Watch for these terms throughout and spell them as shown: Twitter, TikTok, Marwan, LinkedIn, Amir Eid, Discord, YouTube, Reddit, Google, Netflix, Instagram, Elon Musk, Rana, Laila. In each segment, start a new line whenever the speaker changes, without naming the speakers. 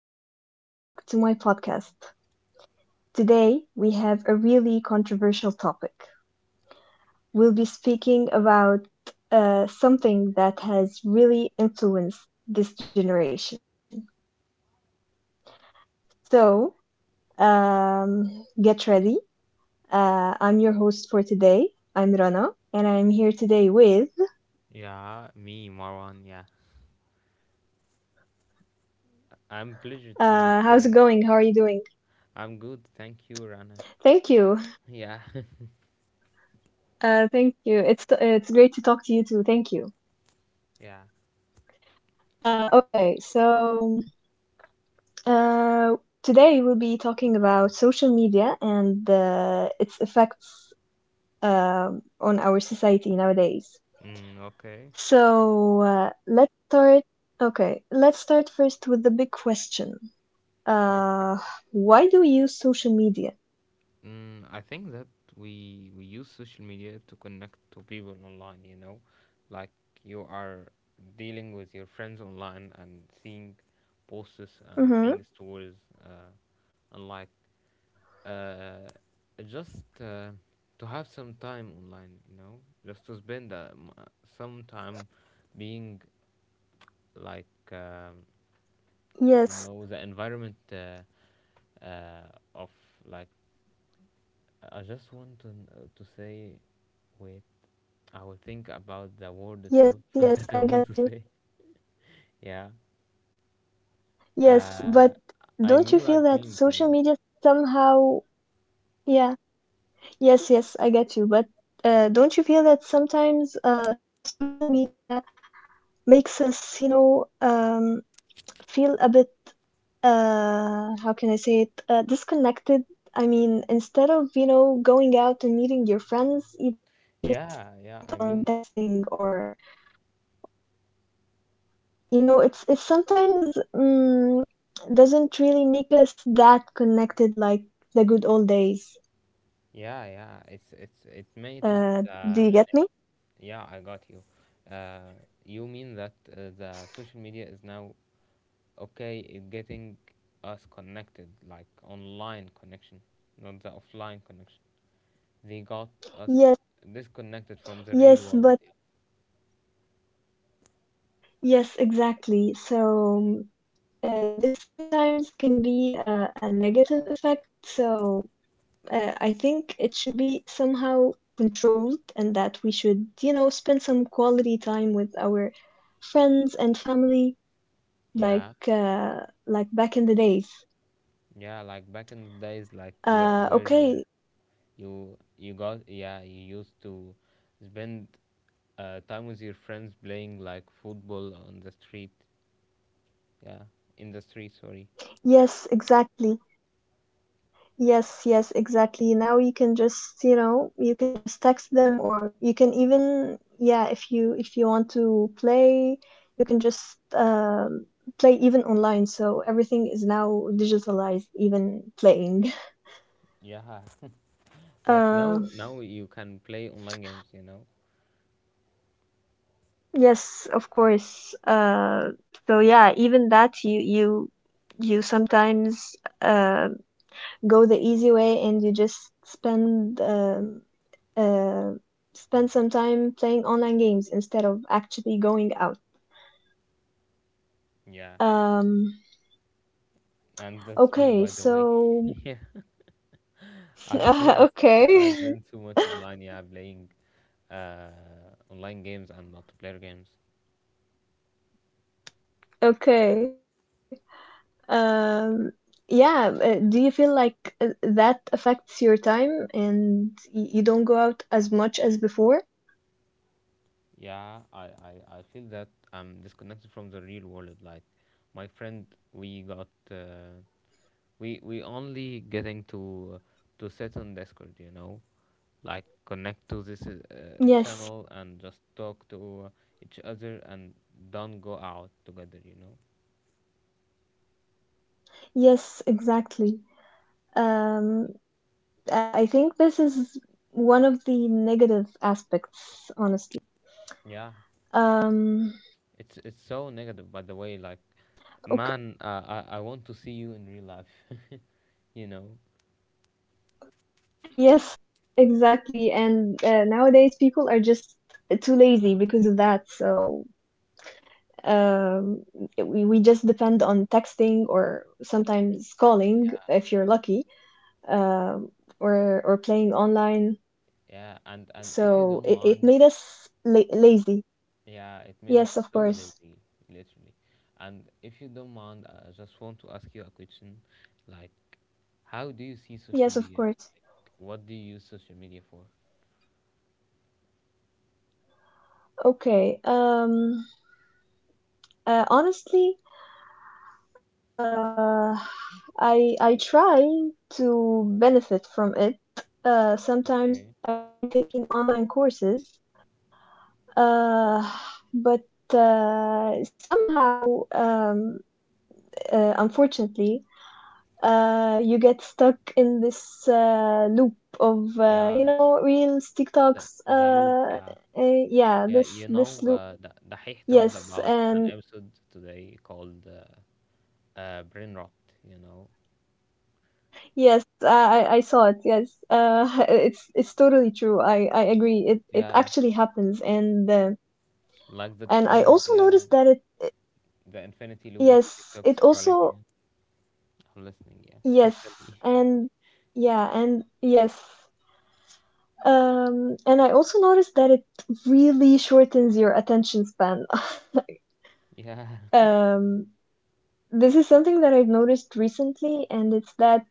and welcome back to my podcast. Today, we have a really controversial topic. We'll be speaking about something that has really influenced this generation. So, get ready. I'm your host for today. I'm Rana, and I'm here today with.
Yeah, me, Marwan. Yeah, I'm pleasure to meet
How's it
you.
going? How are you doing?
I'm good, thank you, Rana.
Thank you.
Yeah,
Thank you. It's great to talk to you too. Thank you.
yeah.
Okay, so Uh, today we'll be talking about social media and its effects on our society nowadays.
Mm, okay,
So let's start. Okay, let's start first with the big question.
okay.
Uh, why do we use social media?
I think that we use social media to connect to people online. Like you are dealing with your friends online and seeing posts and seeing
Mm-hmm.
stories, uh, and like uh, just to have some time online, you know, just to spend some time being like, um, you know,
Yes,
the environment uh, of like, I just want to say, wait, I will think about the
yes,
word itself
yes, I
that
got
I
you.
want to say. Yeah.
Yes, but
Uh,
don't you
I
feel
mean,
that
like
social
memes, you
media
know.
somehow, yeah, yes, yes, I get you, but don't you feel that sometimes social media makes us, feel a bit, how can I say it, disconnected? I mean, instead of, going out and meeting your friends, you just depend
Yeah,
on
yeah. I mean,
texting or, it's sometimes doesn't really make us that connected like the good old days.
yeah, yeah. It's it made
Do
the
you get me?
yeah, I got you. Uh, you mean that the social media is now okay in getting us connected, like online connection, not the offline connection. They got
Yes,
us disconnected from the
yes,
real
but
world.
yes, exactly. So, this sometimes can be a negative effect. So, I think it should be somehow controlled and that we should, you know, spend some quality time with our friends and family like
Yeah,
uh, like back in the days.
yeah, like back in the days, like where, where uh,
Okay.
you you got yeah you used to spend time with your friends playing like football on the street. Yeah, in the street, sorry.
Yes, exactly. Yes, yes, exactly. Now you can just, you can just text them, or you can even, yeah, if you want to play, you can just play even online. So everything is now digitalized, even playing.
Yeah, like
Uh,
now, now you can play online games, you know?
yes, of course. So yeah, even that you sometimes uh, go the easy way and you just uh, spend some time playing online games instead of actually going out.
Yeah.
Um,
And that's me,
okay,
by the way.
so
Yeah. I spend I
okay,
spend too much online, yeah, playing online games and multiplayer games.
okay. Um, yeah, do you feel like that affects your time and you don't go out as much as before?
Yeah, I, I feel that I'm disconnected from the real world. Like my friend, we got we only getting to sit on Discord, you know, like connect to this
Yes,
channel and just talk to each other and don't go out together, you know.
yes, exactly. Um, I think this is one of the negative aspects, honestly.
Yeah,
Um,
it's so negative, by the way. Like,
okay.
man, I want to see you in real life. You know,
Yes, exactly. And nowadays people are just too lazy because of that. So um, we just depend on texting or sometimes calling if you're lucky, um, or playing online.
yeah. And if you
So
don't
it
mind,
made us la lazy.
yeah, it made us
Yes,
so
of
lazy,
course.
literally. And if you don't mind, I just want to ask you a question. Like, how do you see social
Yes,
media?
of course.
What do you use social media for?
Okay. Honestly, uh, I try to benefit from it. Sometimes
Okay.
I try taking online courses. Uh, but somehow, unfortunately, you get stuck in this loop of
Yeah,
reels,
the
TikToks.
the loop. Yeah,
Yeah,
yeah.
this
You
this
know,
loop.
the Dahih talked
Yes,
about
and
an episode today called brain rot. You know,
yes, I saw it. Yes, it's totally true. I agree. It
yeah,
actually happens, and
like the
I
trend.
also
Yeah,
noticed that it.
the infinity loop of
Yes,
TikTok
it
scrolling. Yeah,
also
I'm listening. Yeah, tell
yes,
me.
and yeah, and yes. And I also noticed that it really shortens your attention span.
Yeah,
Um, this is something that I've noticed recently, and it's that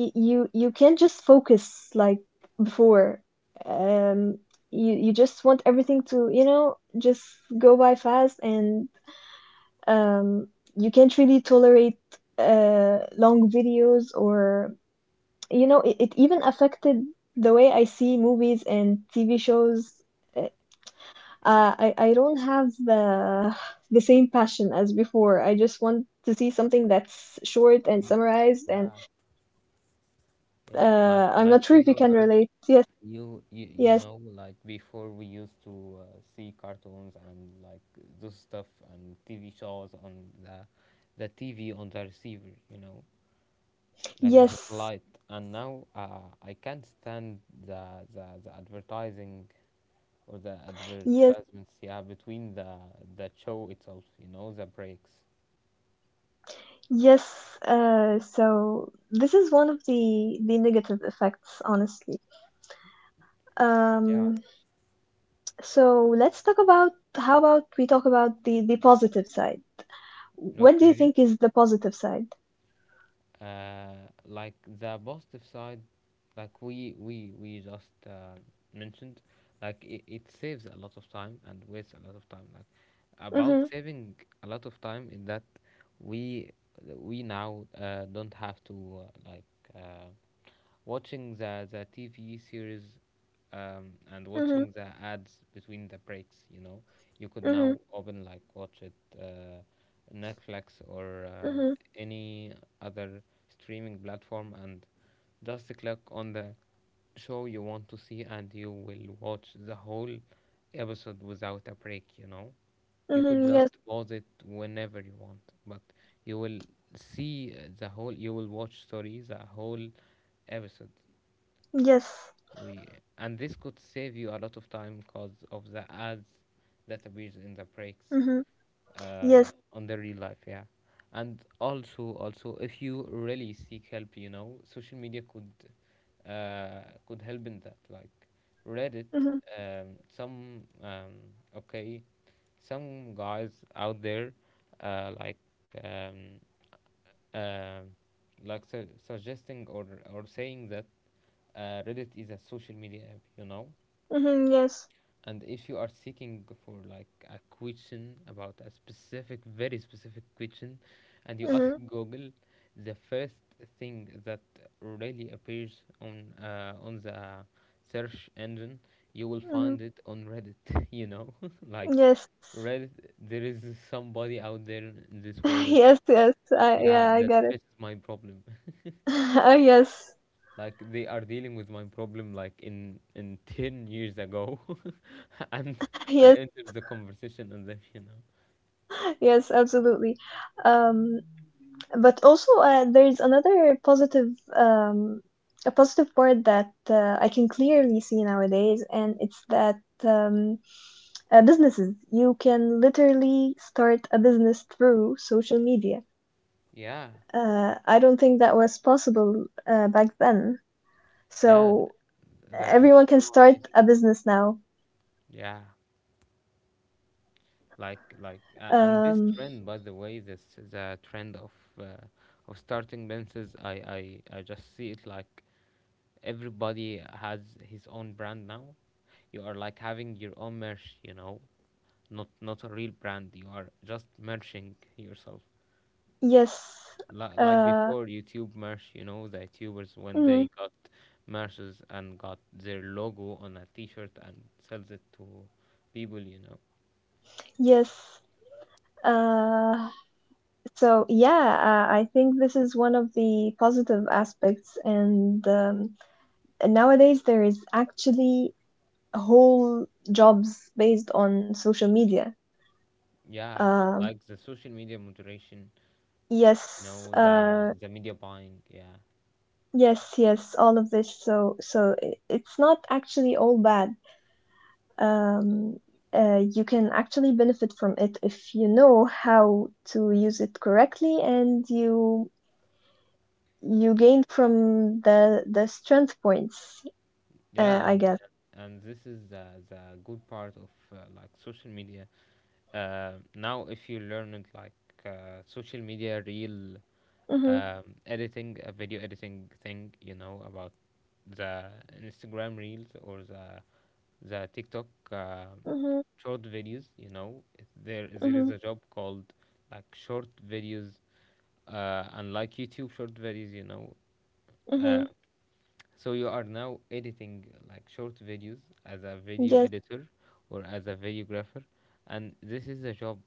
you can't just focus like before. um you just want everything to just go by fast, and um you can't really tolerate long videos, or it even affected the way I see movies and TV shows. I don't have the same passion as before. I just want to see something that's short and
you-
summarized, and
yeah, yeah. Like,
I'm not
like
sure
you
if you
know,
can
girl.
relate. Yes.
You
Yes,
know, like, before we used to see cartoons and like those stuff and TV shows on the TV on the receiver, you know, like the
yes,
satellite. And now I can't stand the advertising, or the
yes,
advertisements, yeah, between the show itself, you know, the breaks.
yes. So this is one of the negative effects, honestly.
Yeah,
Um, so let's talk about how about we talk about the positive side? What do you
okay,
think is the positive side?
uh like the positive side, like we just mentioned, like, it saves a lot of time and wastes a lot of time. Like, about
Mhm,
saving a lot of time is that we we now don't have to uh, watching the TV series and
mhm,
watching the ads between the breaks, you know. You could now
mhm,
open, like, watch it uh, Netflix or
mhm,
any other streaming platform and just click on the show you want to see, and you will watch the whole episode without a break, you know. You could
mhm. Yes,
just pause it whenever you want, but you will see the whole, you will watch, sorry, the whole episode.
yes,
We And this could save you a lot of time because of the ads that appears in the breaks
mhm, yes,
on the real life, yeah. And also, also, if you really seek help, you know, social media could help in that. Like Reddit,
mhm,
um, some um, okay, some guys out there, uh, like um, uh, suggesting or saying that Reddit is a social media app, you know.
mhm, yes,
And if you are seeking for, like, a question about a specific, very specific question, and you ask
mhm,
Google, the first thing that really appears on the search engine, you will
mhm,
find it on Reddit. You know, like
yes,
Reddit, there is somebody out there in this world,
yes, yes. I
yeah,
Yeah, I
that
got it.
fixes my problem. You
Oh
know,
yes,
like they are dealing with my problem like in 10 years ago, and
yes,
I entered the conversation and then, you know,
yes, absolutely. Um, but also, there is another positive, um, a positive part that I can clearly see nowadays, and it's that um, businesses, you can literally start a business through social media.
yeah,
I don't think that was possible back then.
yeah,
So
that
everyone
was
can
so
start
amazing.
a business now.
Yeah,
Um,
like, and this trend, by the way, this the trend of uh, starting benches. I just see it, like everybody has his
mhm.
own brand now. You are, like, having your own merch, you know, not not a real brand, you are just merching yourself.
Yes.
Like
Uh,
before YouTube merch, you know, the YouTubers, when they
mhm.
got merches and got their logo on a t-shirt and sells it to people, you know.
Yes. Uh, So yeah, I think this is one of the positive aspects, and nowadays there is actually whole jobs based on social media.
Yeah,
Um,
like the social media moderation, you
yes,
know, the media buying, yeah,
yes, yes, all of this. So it's not actually all bad. Um, you can actually benefit from it if you know how to use it correctly, and you gain from the strength points.
yeah.
I
and
guess.
and this is the good part of social media. Now, if you learn it, like, social media reel
Mhm,
editing, a video editing thing, you know, about the Instagram reels or the TikTok
mhm,
short videos. You know, there there is
mhm,
a job called like short videos, unlike YouTube short videos. You know, uh,
mhm.
so you are now editing like short videos as a video
Yes,
editor or as a videographer, and this is a job,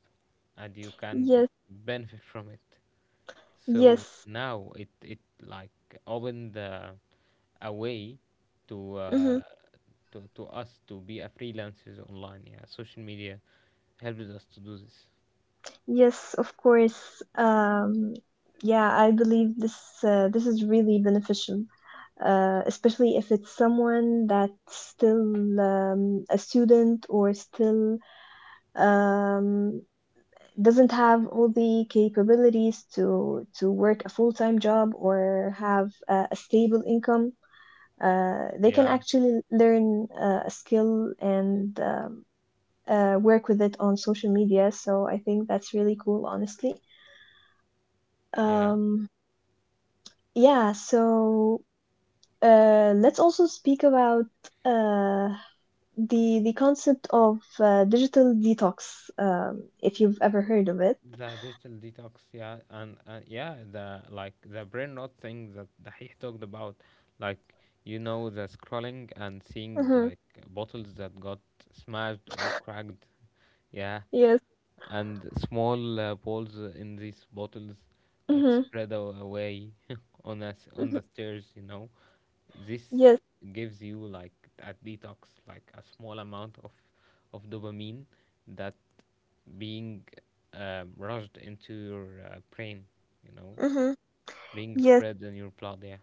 and you can
yes,
benefit from it. So
yes.
now it like opened a way to
Mhm.
to us to be a freelancers online. Yeah, social media helps us to do this.
Yes, of course. Yeah, I believe this is really beneficial, especially if it's someone that's still a student or still um, doesn't have all the capabilities to work a full-time job or have a stable income. They can
Yeah,
actually learn a skill and work with it on social media. So I think that's really cool, honestly.
yeah.
Um, yeah, so let's also speak about uh, the concept of digital detox, if you've ever heard of it.
The digital detox, yeah, and yeah, the, like the brain rot thing that Dahih talked about, like, you know, the scrolling and seeing,
Mm-hmm.
like, bottles that got smashed or cracked. Yeah,
Yes.
and small balls in these bottles like
Mm-hmm.
spread away on us on
Hmm.
the stairs, you know. This
Yes.
gives you like a detox, like a small amount of dopamine that being rushed into your brain, you know,
Mm-hmm.
being
Yes.
spread in your blood, yeah.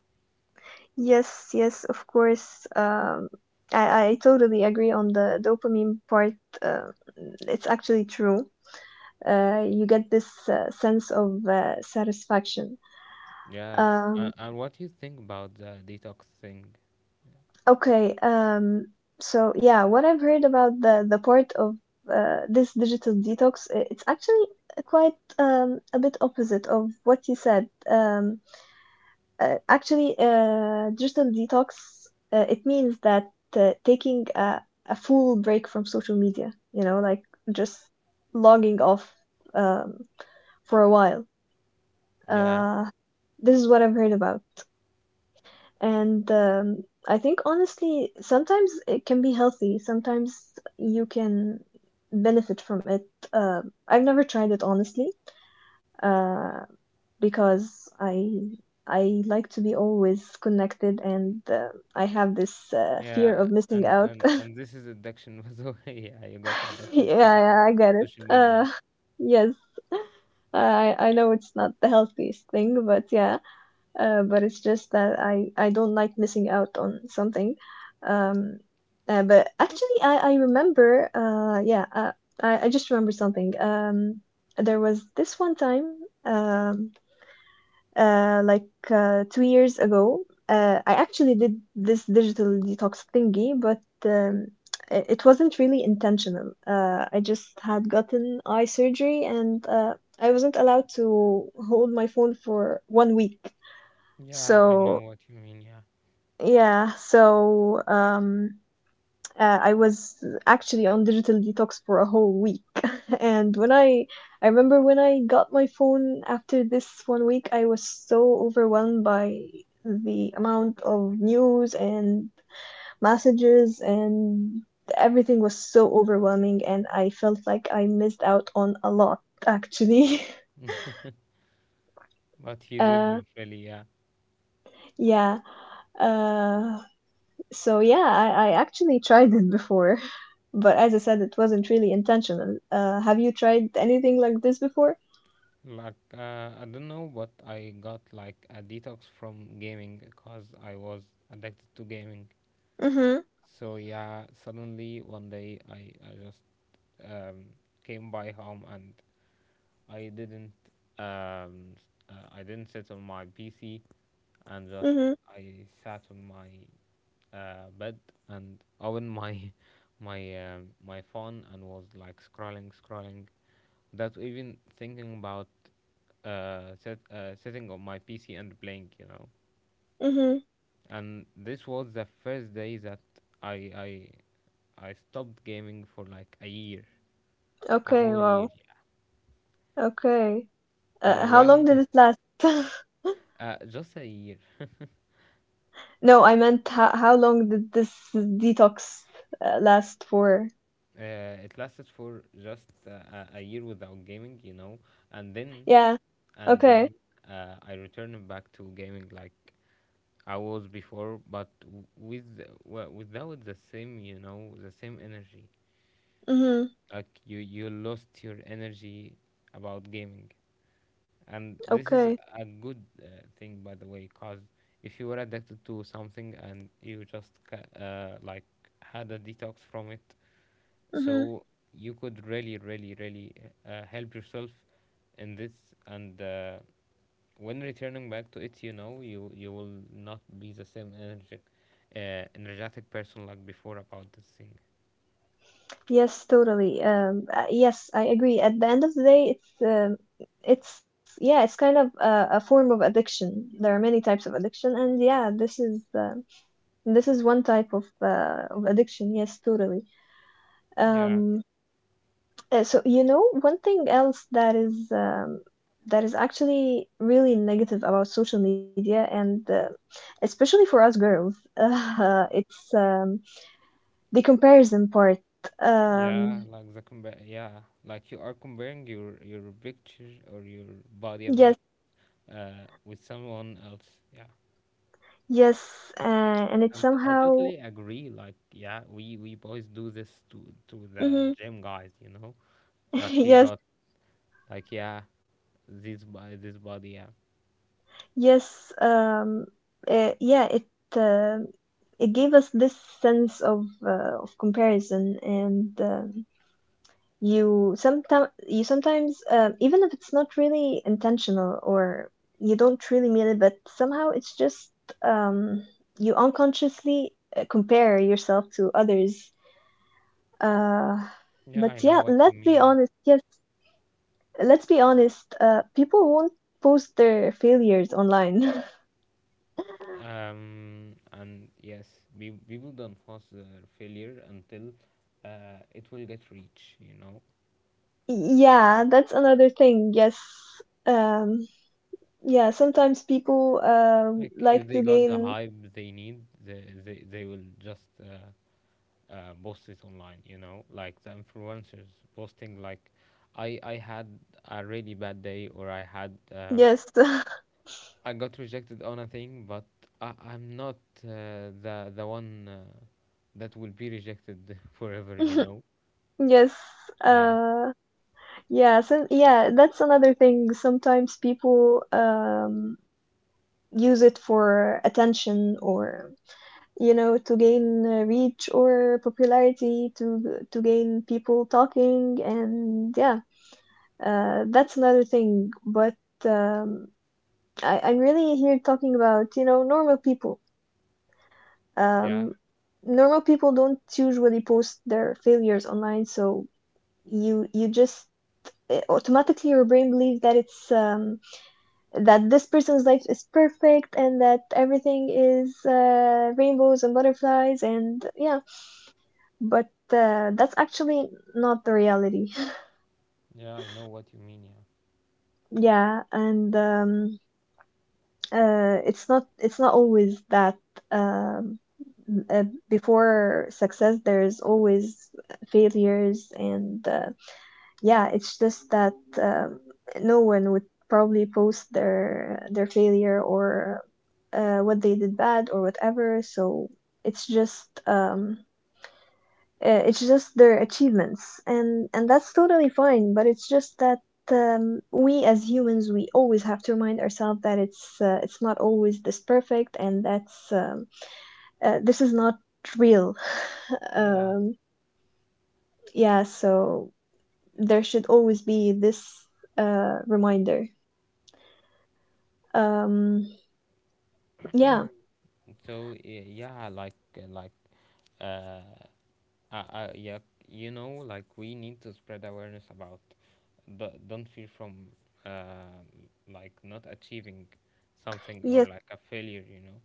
Yes. Yes. Of course. I totally agree on the dopamine part. Uh, it's actually true. You get this sense of satisfaction.
Yeah,
Um,
and what do you think about the detox thing?
okay, so yeah, what I've heard about the part of this digital detox, it's actually quite a bit opposite of what you said. Actually, digital detox, it means that taking a full break from social media. You know, like just logging off um, for a while.
Yeah,
Uh, this is what I've heard about. And I think honestly, sometimes it can be healthy. Sometimes you can benefit from it. Uh, I've never tried it honestly, uh, because I like to be always connected, and I have this fear
yeah,
of missing
and
out.
and and this is addiction. By the way, yeah, you got addicted to
Yeah, I get it.
social media.
Yes, I know it's not the healthiest thing, but yeah. But it's just that I don't like missing out on something. Um, but actually, I remember. Yeah, I just remember something. There was this one time. Um, like 2 years ago. I actually did this digital detox thingy, but it wasn't really intentional. I just had gotten eye surgery, and I wasn't allowed to hold my phone for one week.
Yeah, I know
So
what you mean, yeah.
yeah, I was actually on digital detox for a whole week. And when I remember when I got my phone after this one week, I was so overwhelmed by the amount of news and messages, and everything was so overwhelming, and I felt like I missed out on a lot, actually.
But he
Uh,
didn't really, yeah.
yeah. Uh, So yeah, I actually tried it before, but as I said, it wasn't really intentional. Have you tried anything like this before?
Like, I don't know, but I got like a detox from gaming because I was addicted to gaming.
Mm-hmm.
So, yeah, suddenly one day, I just um, came by home, and I didn't I didn't sit on my PC, and just
Mm-hmm.
I sat on my bed and opened my my my phone and was like scrolling without even thinking about sitting on my PC and playing, you know.
Mm-hmm.
And this was the first day that I I I stopped gaming for like a year, a
Okay,
whole year,
wow.
yeah.
Okay.
And
How long did
when
it last?
just a year.
No, I meant how long did this detox last for?
It lasted for just a year without gaming, you know, and then
Yeah.
and
Okay.
then I returned back to gaming like I was before, but with without the same, you know, the same energy.
Mm-hmm.
Like, you lost your energy about gaming, and this is
Okay.
a good thing, by the way, cause if you were addicted to something and you just had a detox from it,
Mm-hmm.
so you could really help yourself in this. And when returning back to it, you know, you will not be the same energetic person like before about this thing.
Yes, totally. Yes, I agree. At the end of the day, it's yeah, it's kind of a form of addiction. There are many types of addiction, and yeah, this is one type of addiction. Yes, totally.
Yeah,
Um, so you know, one thing else that is actually really negative about social media, and especially for us girls, it's the comparison part.
yeah,
Um,
like yeah, like you are comparing your picture or your body
yes.
about with someone else, yeah.
Yes, and it
And I
somehow,
totally agree. Like, yeah, we boys do this to the
hmm
gym guys, you know, like, he
yes,
got like, yeah, this by this body. Yeah,
yes, yeah, uh, it gave us this sense of comparison, and you sometimes even if it's not really intentional or you don't really mean it, but somehow it's just um, you unconsciously compare yourself to others. Uh,
yeah,
but
I know
yeah,
what you
let's be
mean. Yeah.
honest. Yes, let's be honest, people won't post their failures online.
And yes, we people don't force their failure until it will get reach. You know,
Yeah, that's another thing. Yes. Um, yeah, sometimes people
like if
like
they
to
got the
gain
hype they need, they will just post it online. You know, like the influencers posting, like, I had a really bad day, or I had.
yes.
I got rejected on a thing, but I'm not the one that will be rejected forever. You know?
Yes.
Yeah,
Uh yeah, so yeah, that's another thing. Sometimes people use it for attention or to gain reach or popularity to gain people talking, and yeah. That's another thing, but um, I'm really here talking about, normal people.
yeah,
Um, Normal people don't usually post their failures online, so you you just automatically your brain believes that it's that this person's life is perfect and that everything is rainbows and butterflies and yeah, but that's actually not the reality.
yeah. I know what you mean. Yeah,
Yeah, and it's not always that um, uh, before success there is always failures and yeah, it's just that um, no one would probably post their failure or what they did bad or whatever, so it's just um, it's just their achievements, and that's totally fine. But it's just that we as humans, we always have to remind ourselves that it's not always this perfect, and that's this is not real.
yeah.
um, yeah, so there should always be this reminder. Um, yeah,
So yeah, like, uh, yeah, you know, like we need to spread awareness about the don't fear from uh, like not achieving something or
yes.
like a failure. You know?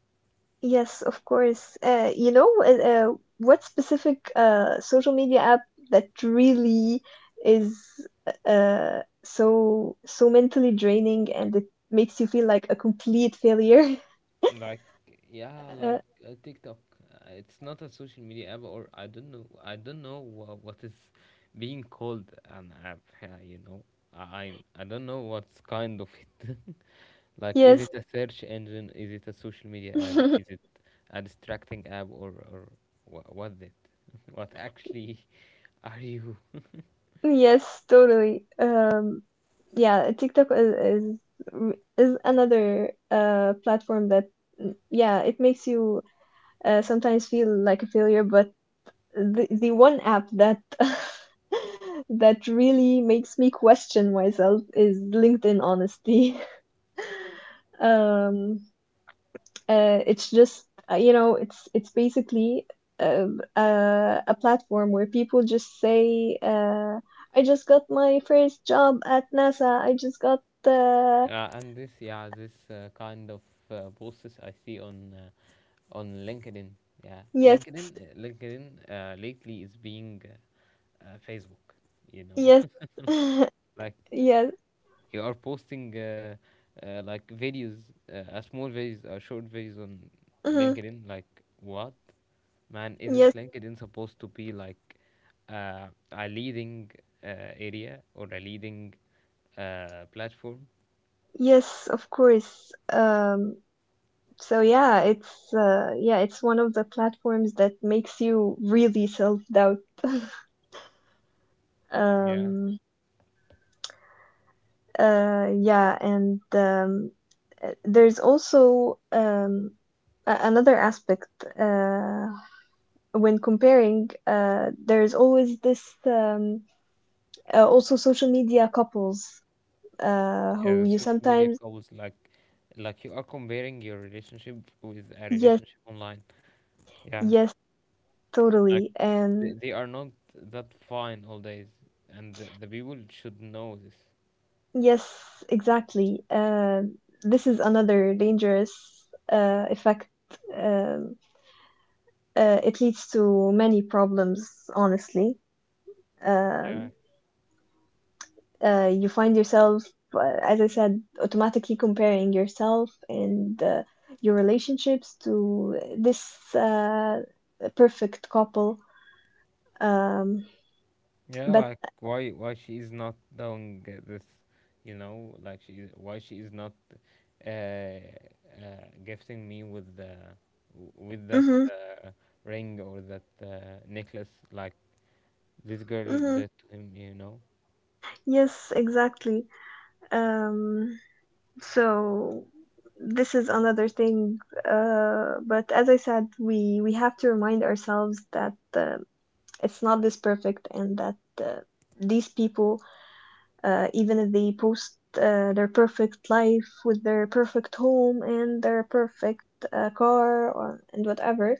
Yes, of course. What specific social media app that really is so mentally draining and it makes you feel like a complete failure?
Like, yeah, like
Uh,
TikTok. It's not a social media app, or I don't know. I don't know what is being called an app. Yeah, you know, I don't know what's kind of it. Like, is
yes,
it a search engine? Is it a social media app? Is it a distracting app, or what's it? What actually are you?
yes, totally. Yeah, TikTok is another platform that mm, yeah, it makes you sometimes feel like a failure, but the one app that that really makes me question myself is LinkedIn Honesty. Um, it's just it's basically uh, a platform where people just say, "I just got my first job at NASA. I just got
And this, yeah, this kind of posts I see on on LinkedIn. Yeah,
yes,
LinkedIn, LinkedIn lately is being Facebook. You know,
yes,
like
yes,
you are posting like videos, small videos, short videos on
mhm,
LinkedIn. Like what, man? Isn't
yes,
LinkedIn supposed to be like a leading uh, area or a leading platform?
yes, of course." So yeah, it's one of the platforms that makes you really self-doubt.
Yeah.
Um, yeah, and there's also a- another aspect uh, when comparing. There's always this also social media couples
Yeah,
who
the
you
social media
sometimes
goals, like you are comparing your relationship with a
yes,
relationship online. Yeah,
yes,
like
totally,
they,
and
they are not that fine all days, and the people should know this.
yes, exactly. This is another dangerous effect. Um, it leads to many problems, honestly.
Yeah,
Um, you find yourself, as I said, automatically comparing yourself and your relationships to this perfect couple. Um,
yeah,
but,
like why she is not doing this, you know, like she, why she is not gifting me with with that
hmm,
ring or that necklace like this girl
hmm,
did to him, you know.
yes, exactly. Um, so this is another thing, but as I said, we have to remind ourselves that it's not this perfect and that uh, these people, even if they post their perfect life with their perfect home and their perfect car, or, and whatever,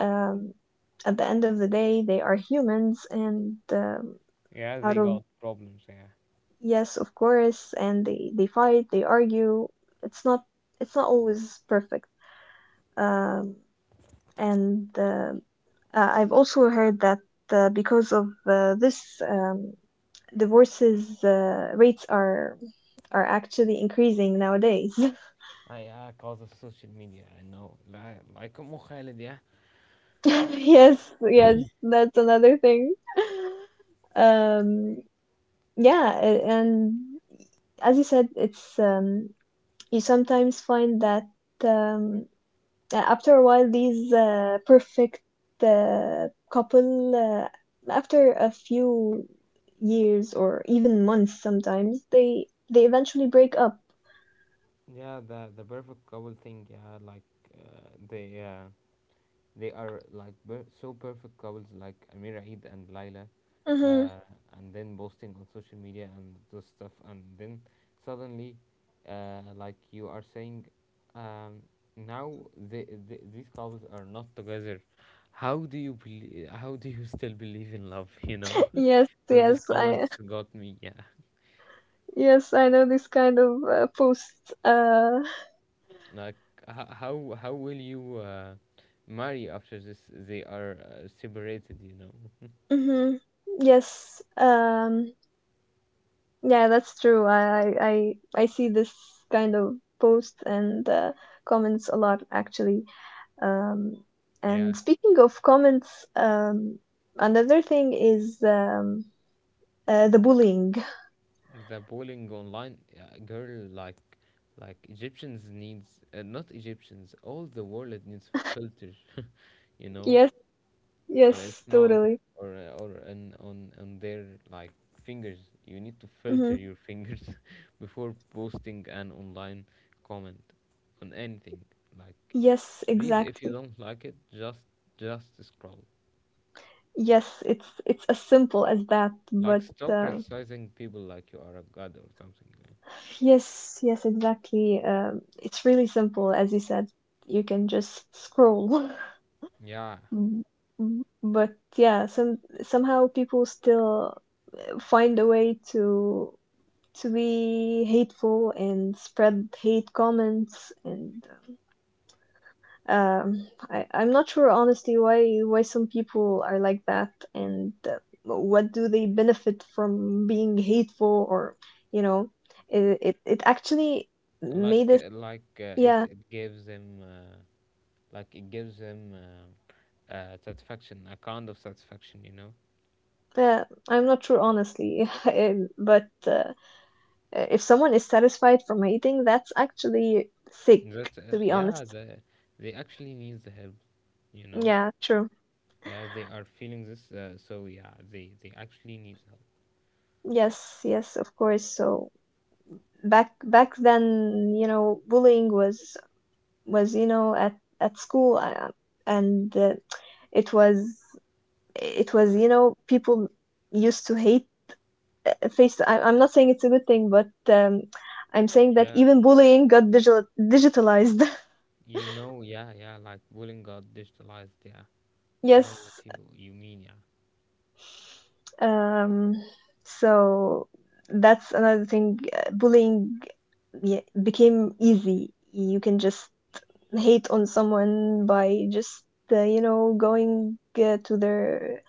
um, at the end of the day they are humans, and
Yeah,
out
they
of,
got problems. Yeah.
yes, of course. And they fight, they argue, it's not it's not always perfect. Um, and I've also heard that because of this, divorces rates are actually increasing nowadays.
Ah, yeah, cause of social media. I know. لا- Like Khalid, yeah.
Yes, yes, that's another thing. Um, yeah, a- and as you said, it's you sometimes find that. Um, after a while, these perfect couple, after a few years or even months, sometimes they eventually break up.
Yeah, the perfect couple thing. Yeah, like uh, they uh, they are like so perfect couples like Amir Eid and Laila,
Hmm.
uh, and then posting on social media and those stuff, and then suddenly, like you are saying, um, now these couples are not together. How do you believe? How do you still believe in love? You know,
Yes,
no, these
yes, I,
comments got me. Yeah,
yes, I know this kind of post.
like how will you marry after this? They are separated. You know.
Hmm, yes, yeah, that's true. I see this kind of post and comments a lot actually. Um, and
Yeah.
speaking of comments, another thing is the bullying.
The bowling online, girl, like Egyptians needs, not Egyptians, all the world needs filter you know,
Yes,
on its
yes,
mouth
totally.
or on their like fingers. You need to
Hmm.
filter your fingers before posting an online comment on anything. Like,
Yes,
please, if you
exactly.
don't like it, just scroll.
Yes, it's as simple as that.
Like,
But
stop criticizing people like you are a god or something, eh?
yes, yes, exactly. It's really simple, as you said. You can just scroll.
Yeah,
Mm, mm, but yeah, somehow people still find a way to be hateful and spread hate comments, and I'm not sure honestly why some people are like that, and what do they benefit from being hateful? Or, you know, it actually made us,
it
yeah,
it gives him like it gives him satisfaction, a kind of satisfaction, you know.
I'm not sure honestly. But if someone is satisfied from hating, that's actually sick,
That
to be
yeah,
honest.
they actually needs the help, you know.
Yeah, true,
Yeah, they are feeling this, so yeah, they actually needs help.
yes, yes, of course. So back then, you know, bullying was, you know, at school, and it was it was, you know, people used to hate face. I, I'm not saying it's a good thing, but I'm saying that
Yeah,
even bullying got digitalized.
you know, yeah, yeah, like bullying got digitalized. Yeah, know
Yes,
what you mean. Yeah,
um, so that's another thing, bullying yeah, became easy. You can just hate on someone by just you know, going to their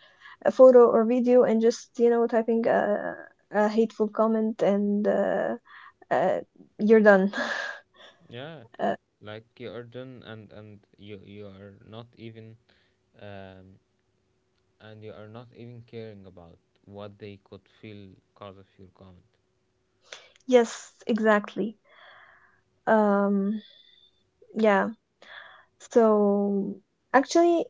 a photo or video and just, you know, typing a hateful comment, and uh, you're done.
yeah,
Uh,
like you are done, and and you are not even um and you are not even caring about what they could feel because of your comment.
yes, exactly. Um, yeah. So actually,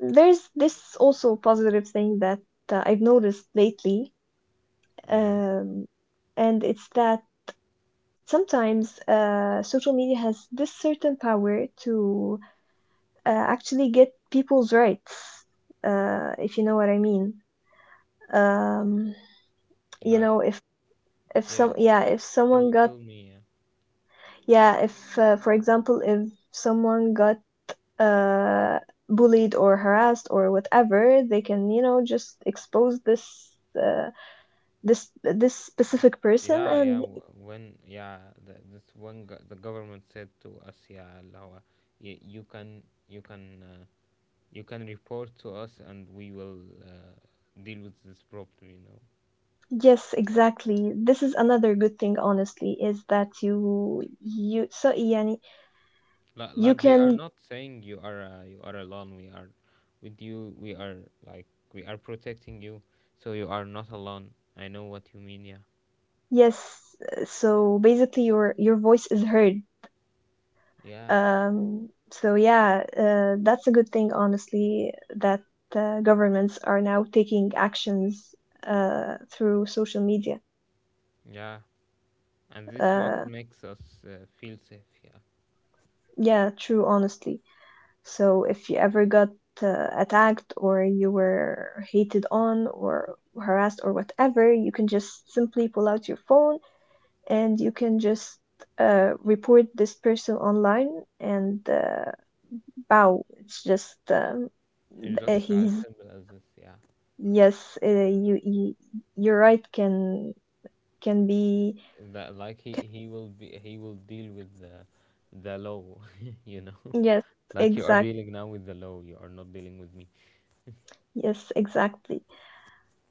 there's this also positive thing that I've noticed lately,
Yeah,
um, and it's that sometimes social media has this certain power to actually get people's rights, if you know what I mean. Um, you
like
know, if
yeah,
some, yeah, if
tell
someone got,
tell me. Yeah,
yeah, if for example, if someone got uh, bullied or harassed or whatever, they can, you know, just expose this. This
This-
specific person,
yeah, yeah,
and
w- when yeah, the, this when go- the government said to us, yeah, اللي هو, you can you can report to us and we will deal with this problem. You know.
yes, exactly. This is another good thing, honestly, is that you, so يعني
like,
you
like they are
can.
not saying you are, you are alone. We are with you, we are like, we are protecting you. So you are not alone. I know what you mean. Yeah,
Yes, so basically your voice is heard.
yeah,
So yeah, that's a good thing, honestly, that governments are now taking actions through social media.
yeah, and this is what
Uh,
makes us feel safe. Yeah,
yeah, true, honestly. So if you ever got attacked, or you were hated on or harassed or whatever, you can just simply pull out your phone and you can just report this person online, and Bao. It's just
it's just as
he's,
simple as this. Yeah,
yes. You, you, you're right. Can be,
that, like he will be, he will deal with the law you know.
yes.
Like you are
Exact,
dealing now with the law, you are not dealing with me.
yes. Exactly.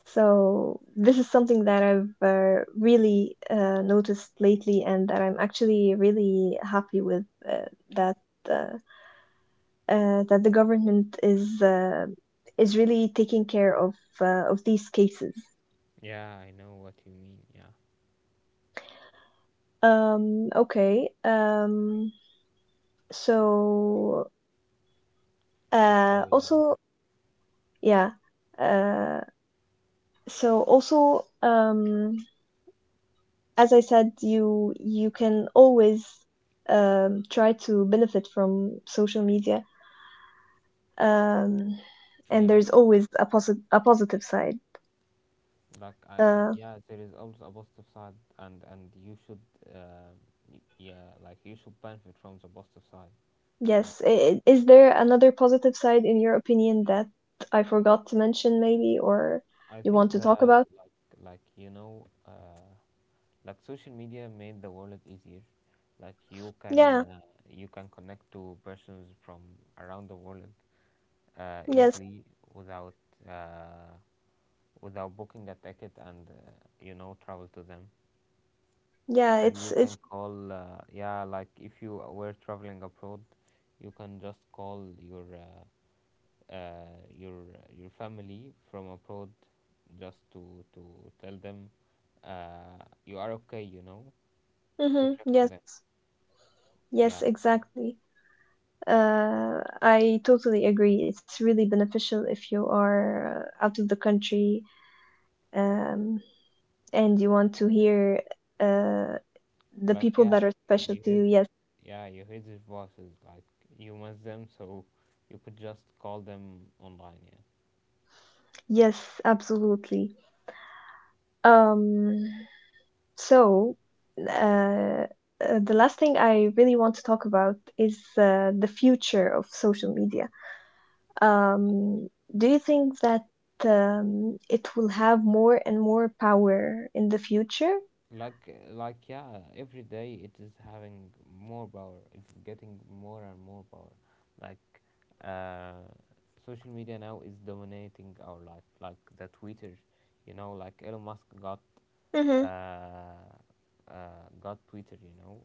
So this is something that I've really noticed lately, and that I'm actually really happy with, that uh, that the government is really taking care of these cases.
Yeah, I know what you mean. Yeah,
Okay. So uh,
so yeah,
also, yeah. Uh, so also, as I said, you can always try to benefit from social media, um, and
yeah.
there's always a posi- a positive side.
Like I
Uh,
yeah, there is also a positive side, and you should, uh, yeah, like you should benefit from the positive side. Yeah,
yes. I- is there another positive side in your opinion that I forgot to mention, maybe, or
I
you want
think
to talk
that
about?
you know, like social media made the world easier. Like you can,
Yeah.
you can connect to persons from around the world
Yes.
easily, without uh, without booking a ticket and, you know, travel to them.
Yeah.
And
It's
you can
it's.
call, yeah, like if you were traveling abroad, you can just call your uh, your your family from abroad, just to tell them, uh, you are okay, you know, to
Mm-hmm,
check on
yes.
them. Yeah,
Yes. Exactly. I totally agree. It's really beneficial if you are out of the country, um, and you want to hear uh, the
like
people
yeah,
that are
you,
special
you
to
heard
you.
th-
Yes,
yeah, you heard their voices, like you miss them, so you could just call them online, yeah.
yes, absolutely. Um, so, uh, the last thing I really want to talk about is the future of social media. Um, do you think that it will have more and more power in the future?
Like, yeah, every day it is having more power, it's getting more and more power. Like, uh, social media now is dominating our life, like the Twitter, you know, like Elon Musk got,
Mm-hmm.
uh, got Twitter, you know.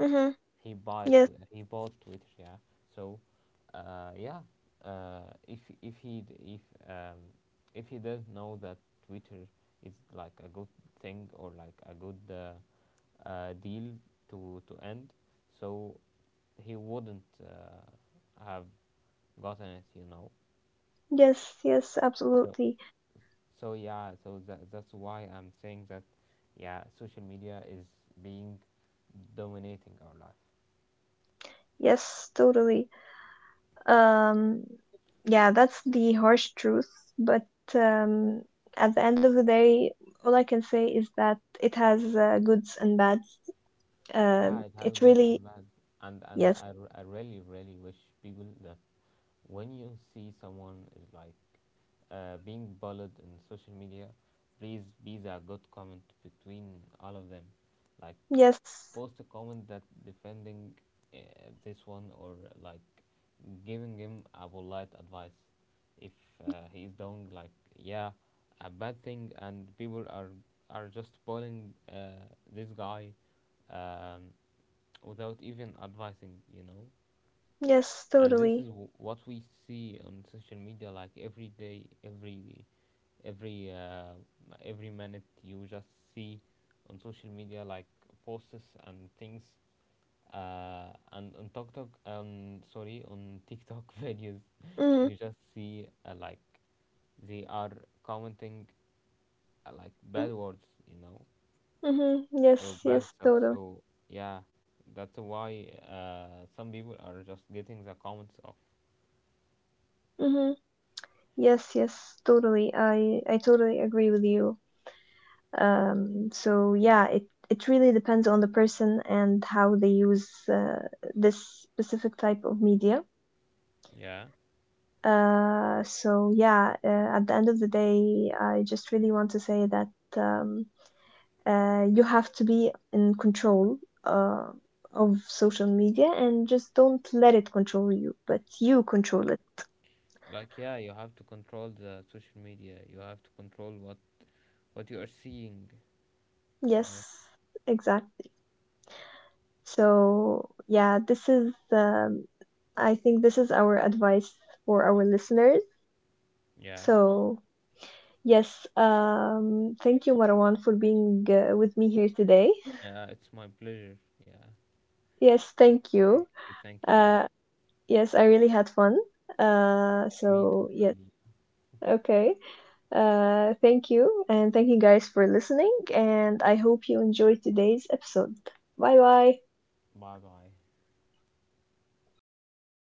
Mm-hmm.
he bought
Yes,
Twi- he bought Twitter, yeah. So, uh, yeah, if um, if he doesn't know that Twitter is like a good thing or like a good deal to end, so he wouldn't have gotten it, you know.
yes, yes,
So
absolutely.
so yeah, that that's why I'm saying that, yeah, social media is being dominating our life.
Yes, totally. Um, yeah, that's the harsh truth, but um, at the end of the day, all I can say is that it has goods and bads. Uh,
Yeah, it has
it
good
really,
and bad, and
yes,
I, I really really wish people that when you see someone is like being bullied in social media, please be a good comment between all of them. Like,
yes,
post a comment that defending uh, this one, or like giving him a polite advice if he is doing like yeah a bad thing and people are just bullying this guy, um, without even advising, you know.
yes,
And this is
totally.
what we see on social media, like every day, every uh, every minute you just see on social media, like posts and things, and on TikTok, um, sorry, on TikTok videos,
Mm,
you just see, like they are commenting like
mm,
bad words, you know,
mhm.
or
Yes,
bad
yes,
stuff.
totally.
So yeah, that's why, some people are just getting the comments off.
Mm-hmm. Yes, yes, totally. I totally agree with you. So yeah, it really depends on the person and how they use this specific type of media.
Yeah,
So yeah, at the end of the day, I just really want to say that um, you have to be in control uh, of social media, and just don't let it control you, but you control it.
like yeah, you have to control the social media. You have to control what you are seeing. Yeah,
Yes, exactly. So, yeah, this is, I think this is our advice for our listeners.
yeah,
So, yes, thank you, Marwan, for being with me here today.
yeah. It's my pleasure. Yeah,
Yes, thank
I.
you.
Thank you. Yeah,
Uh, yes, I really had fun.
me too,
So, yes,
really.
okay. Thank you, and thank you guys for listening. And I hope you enjoyed today's episode. Bye bye.
Bye bye.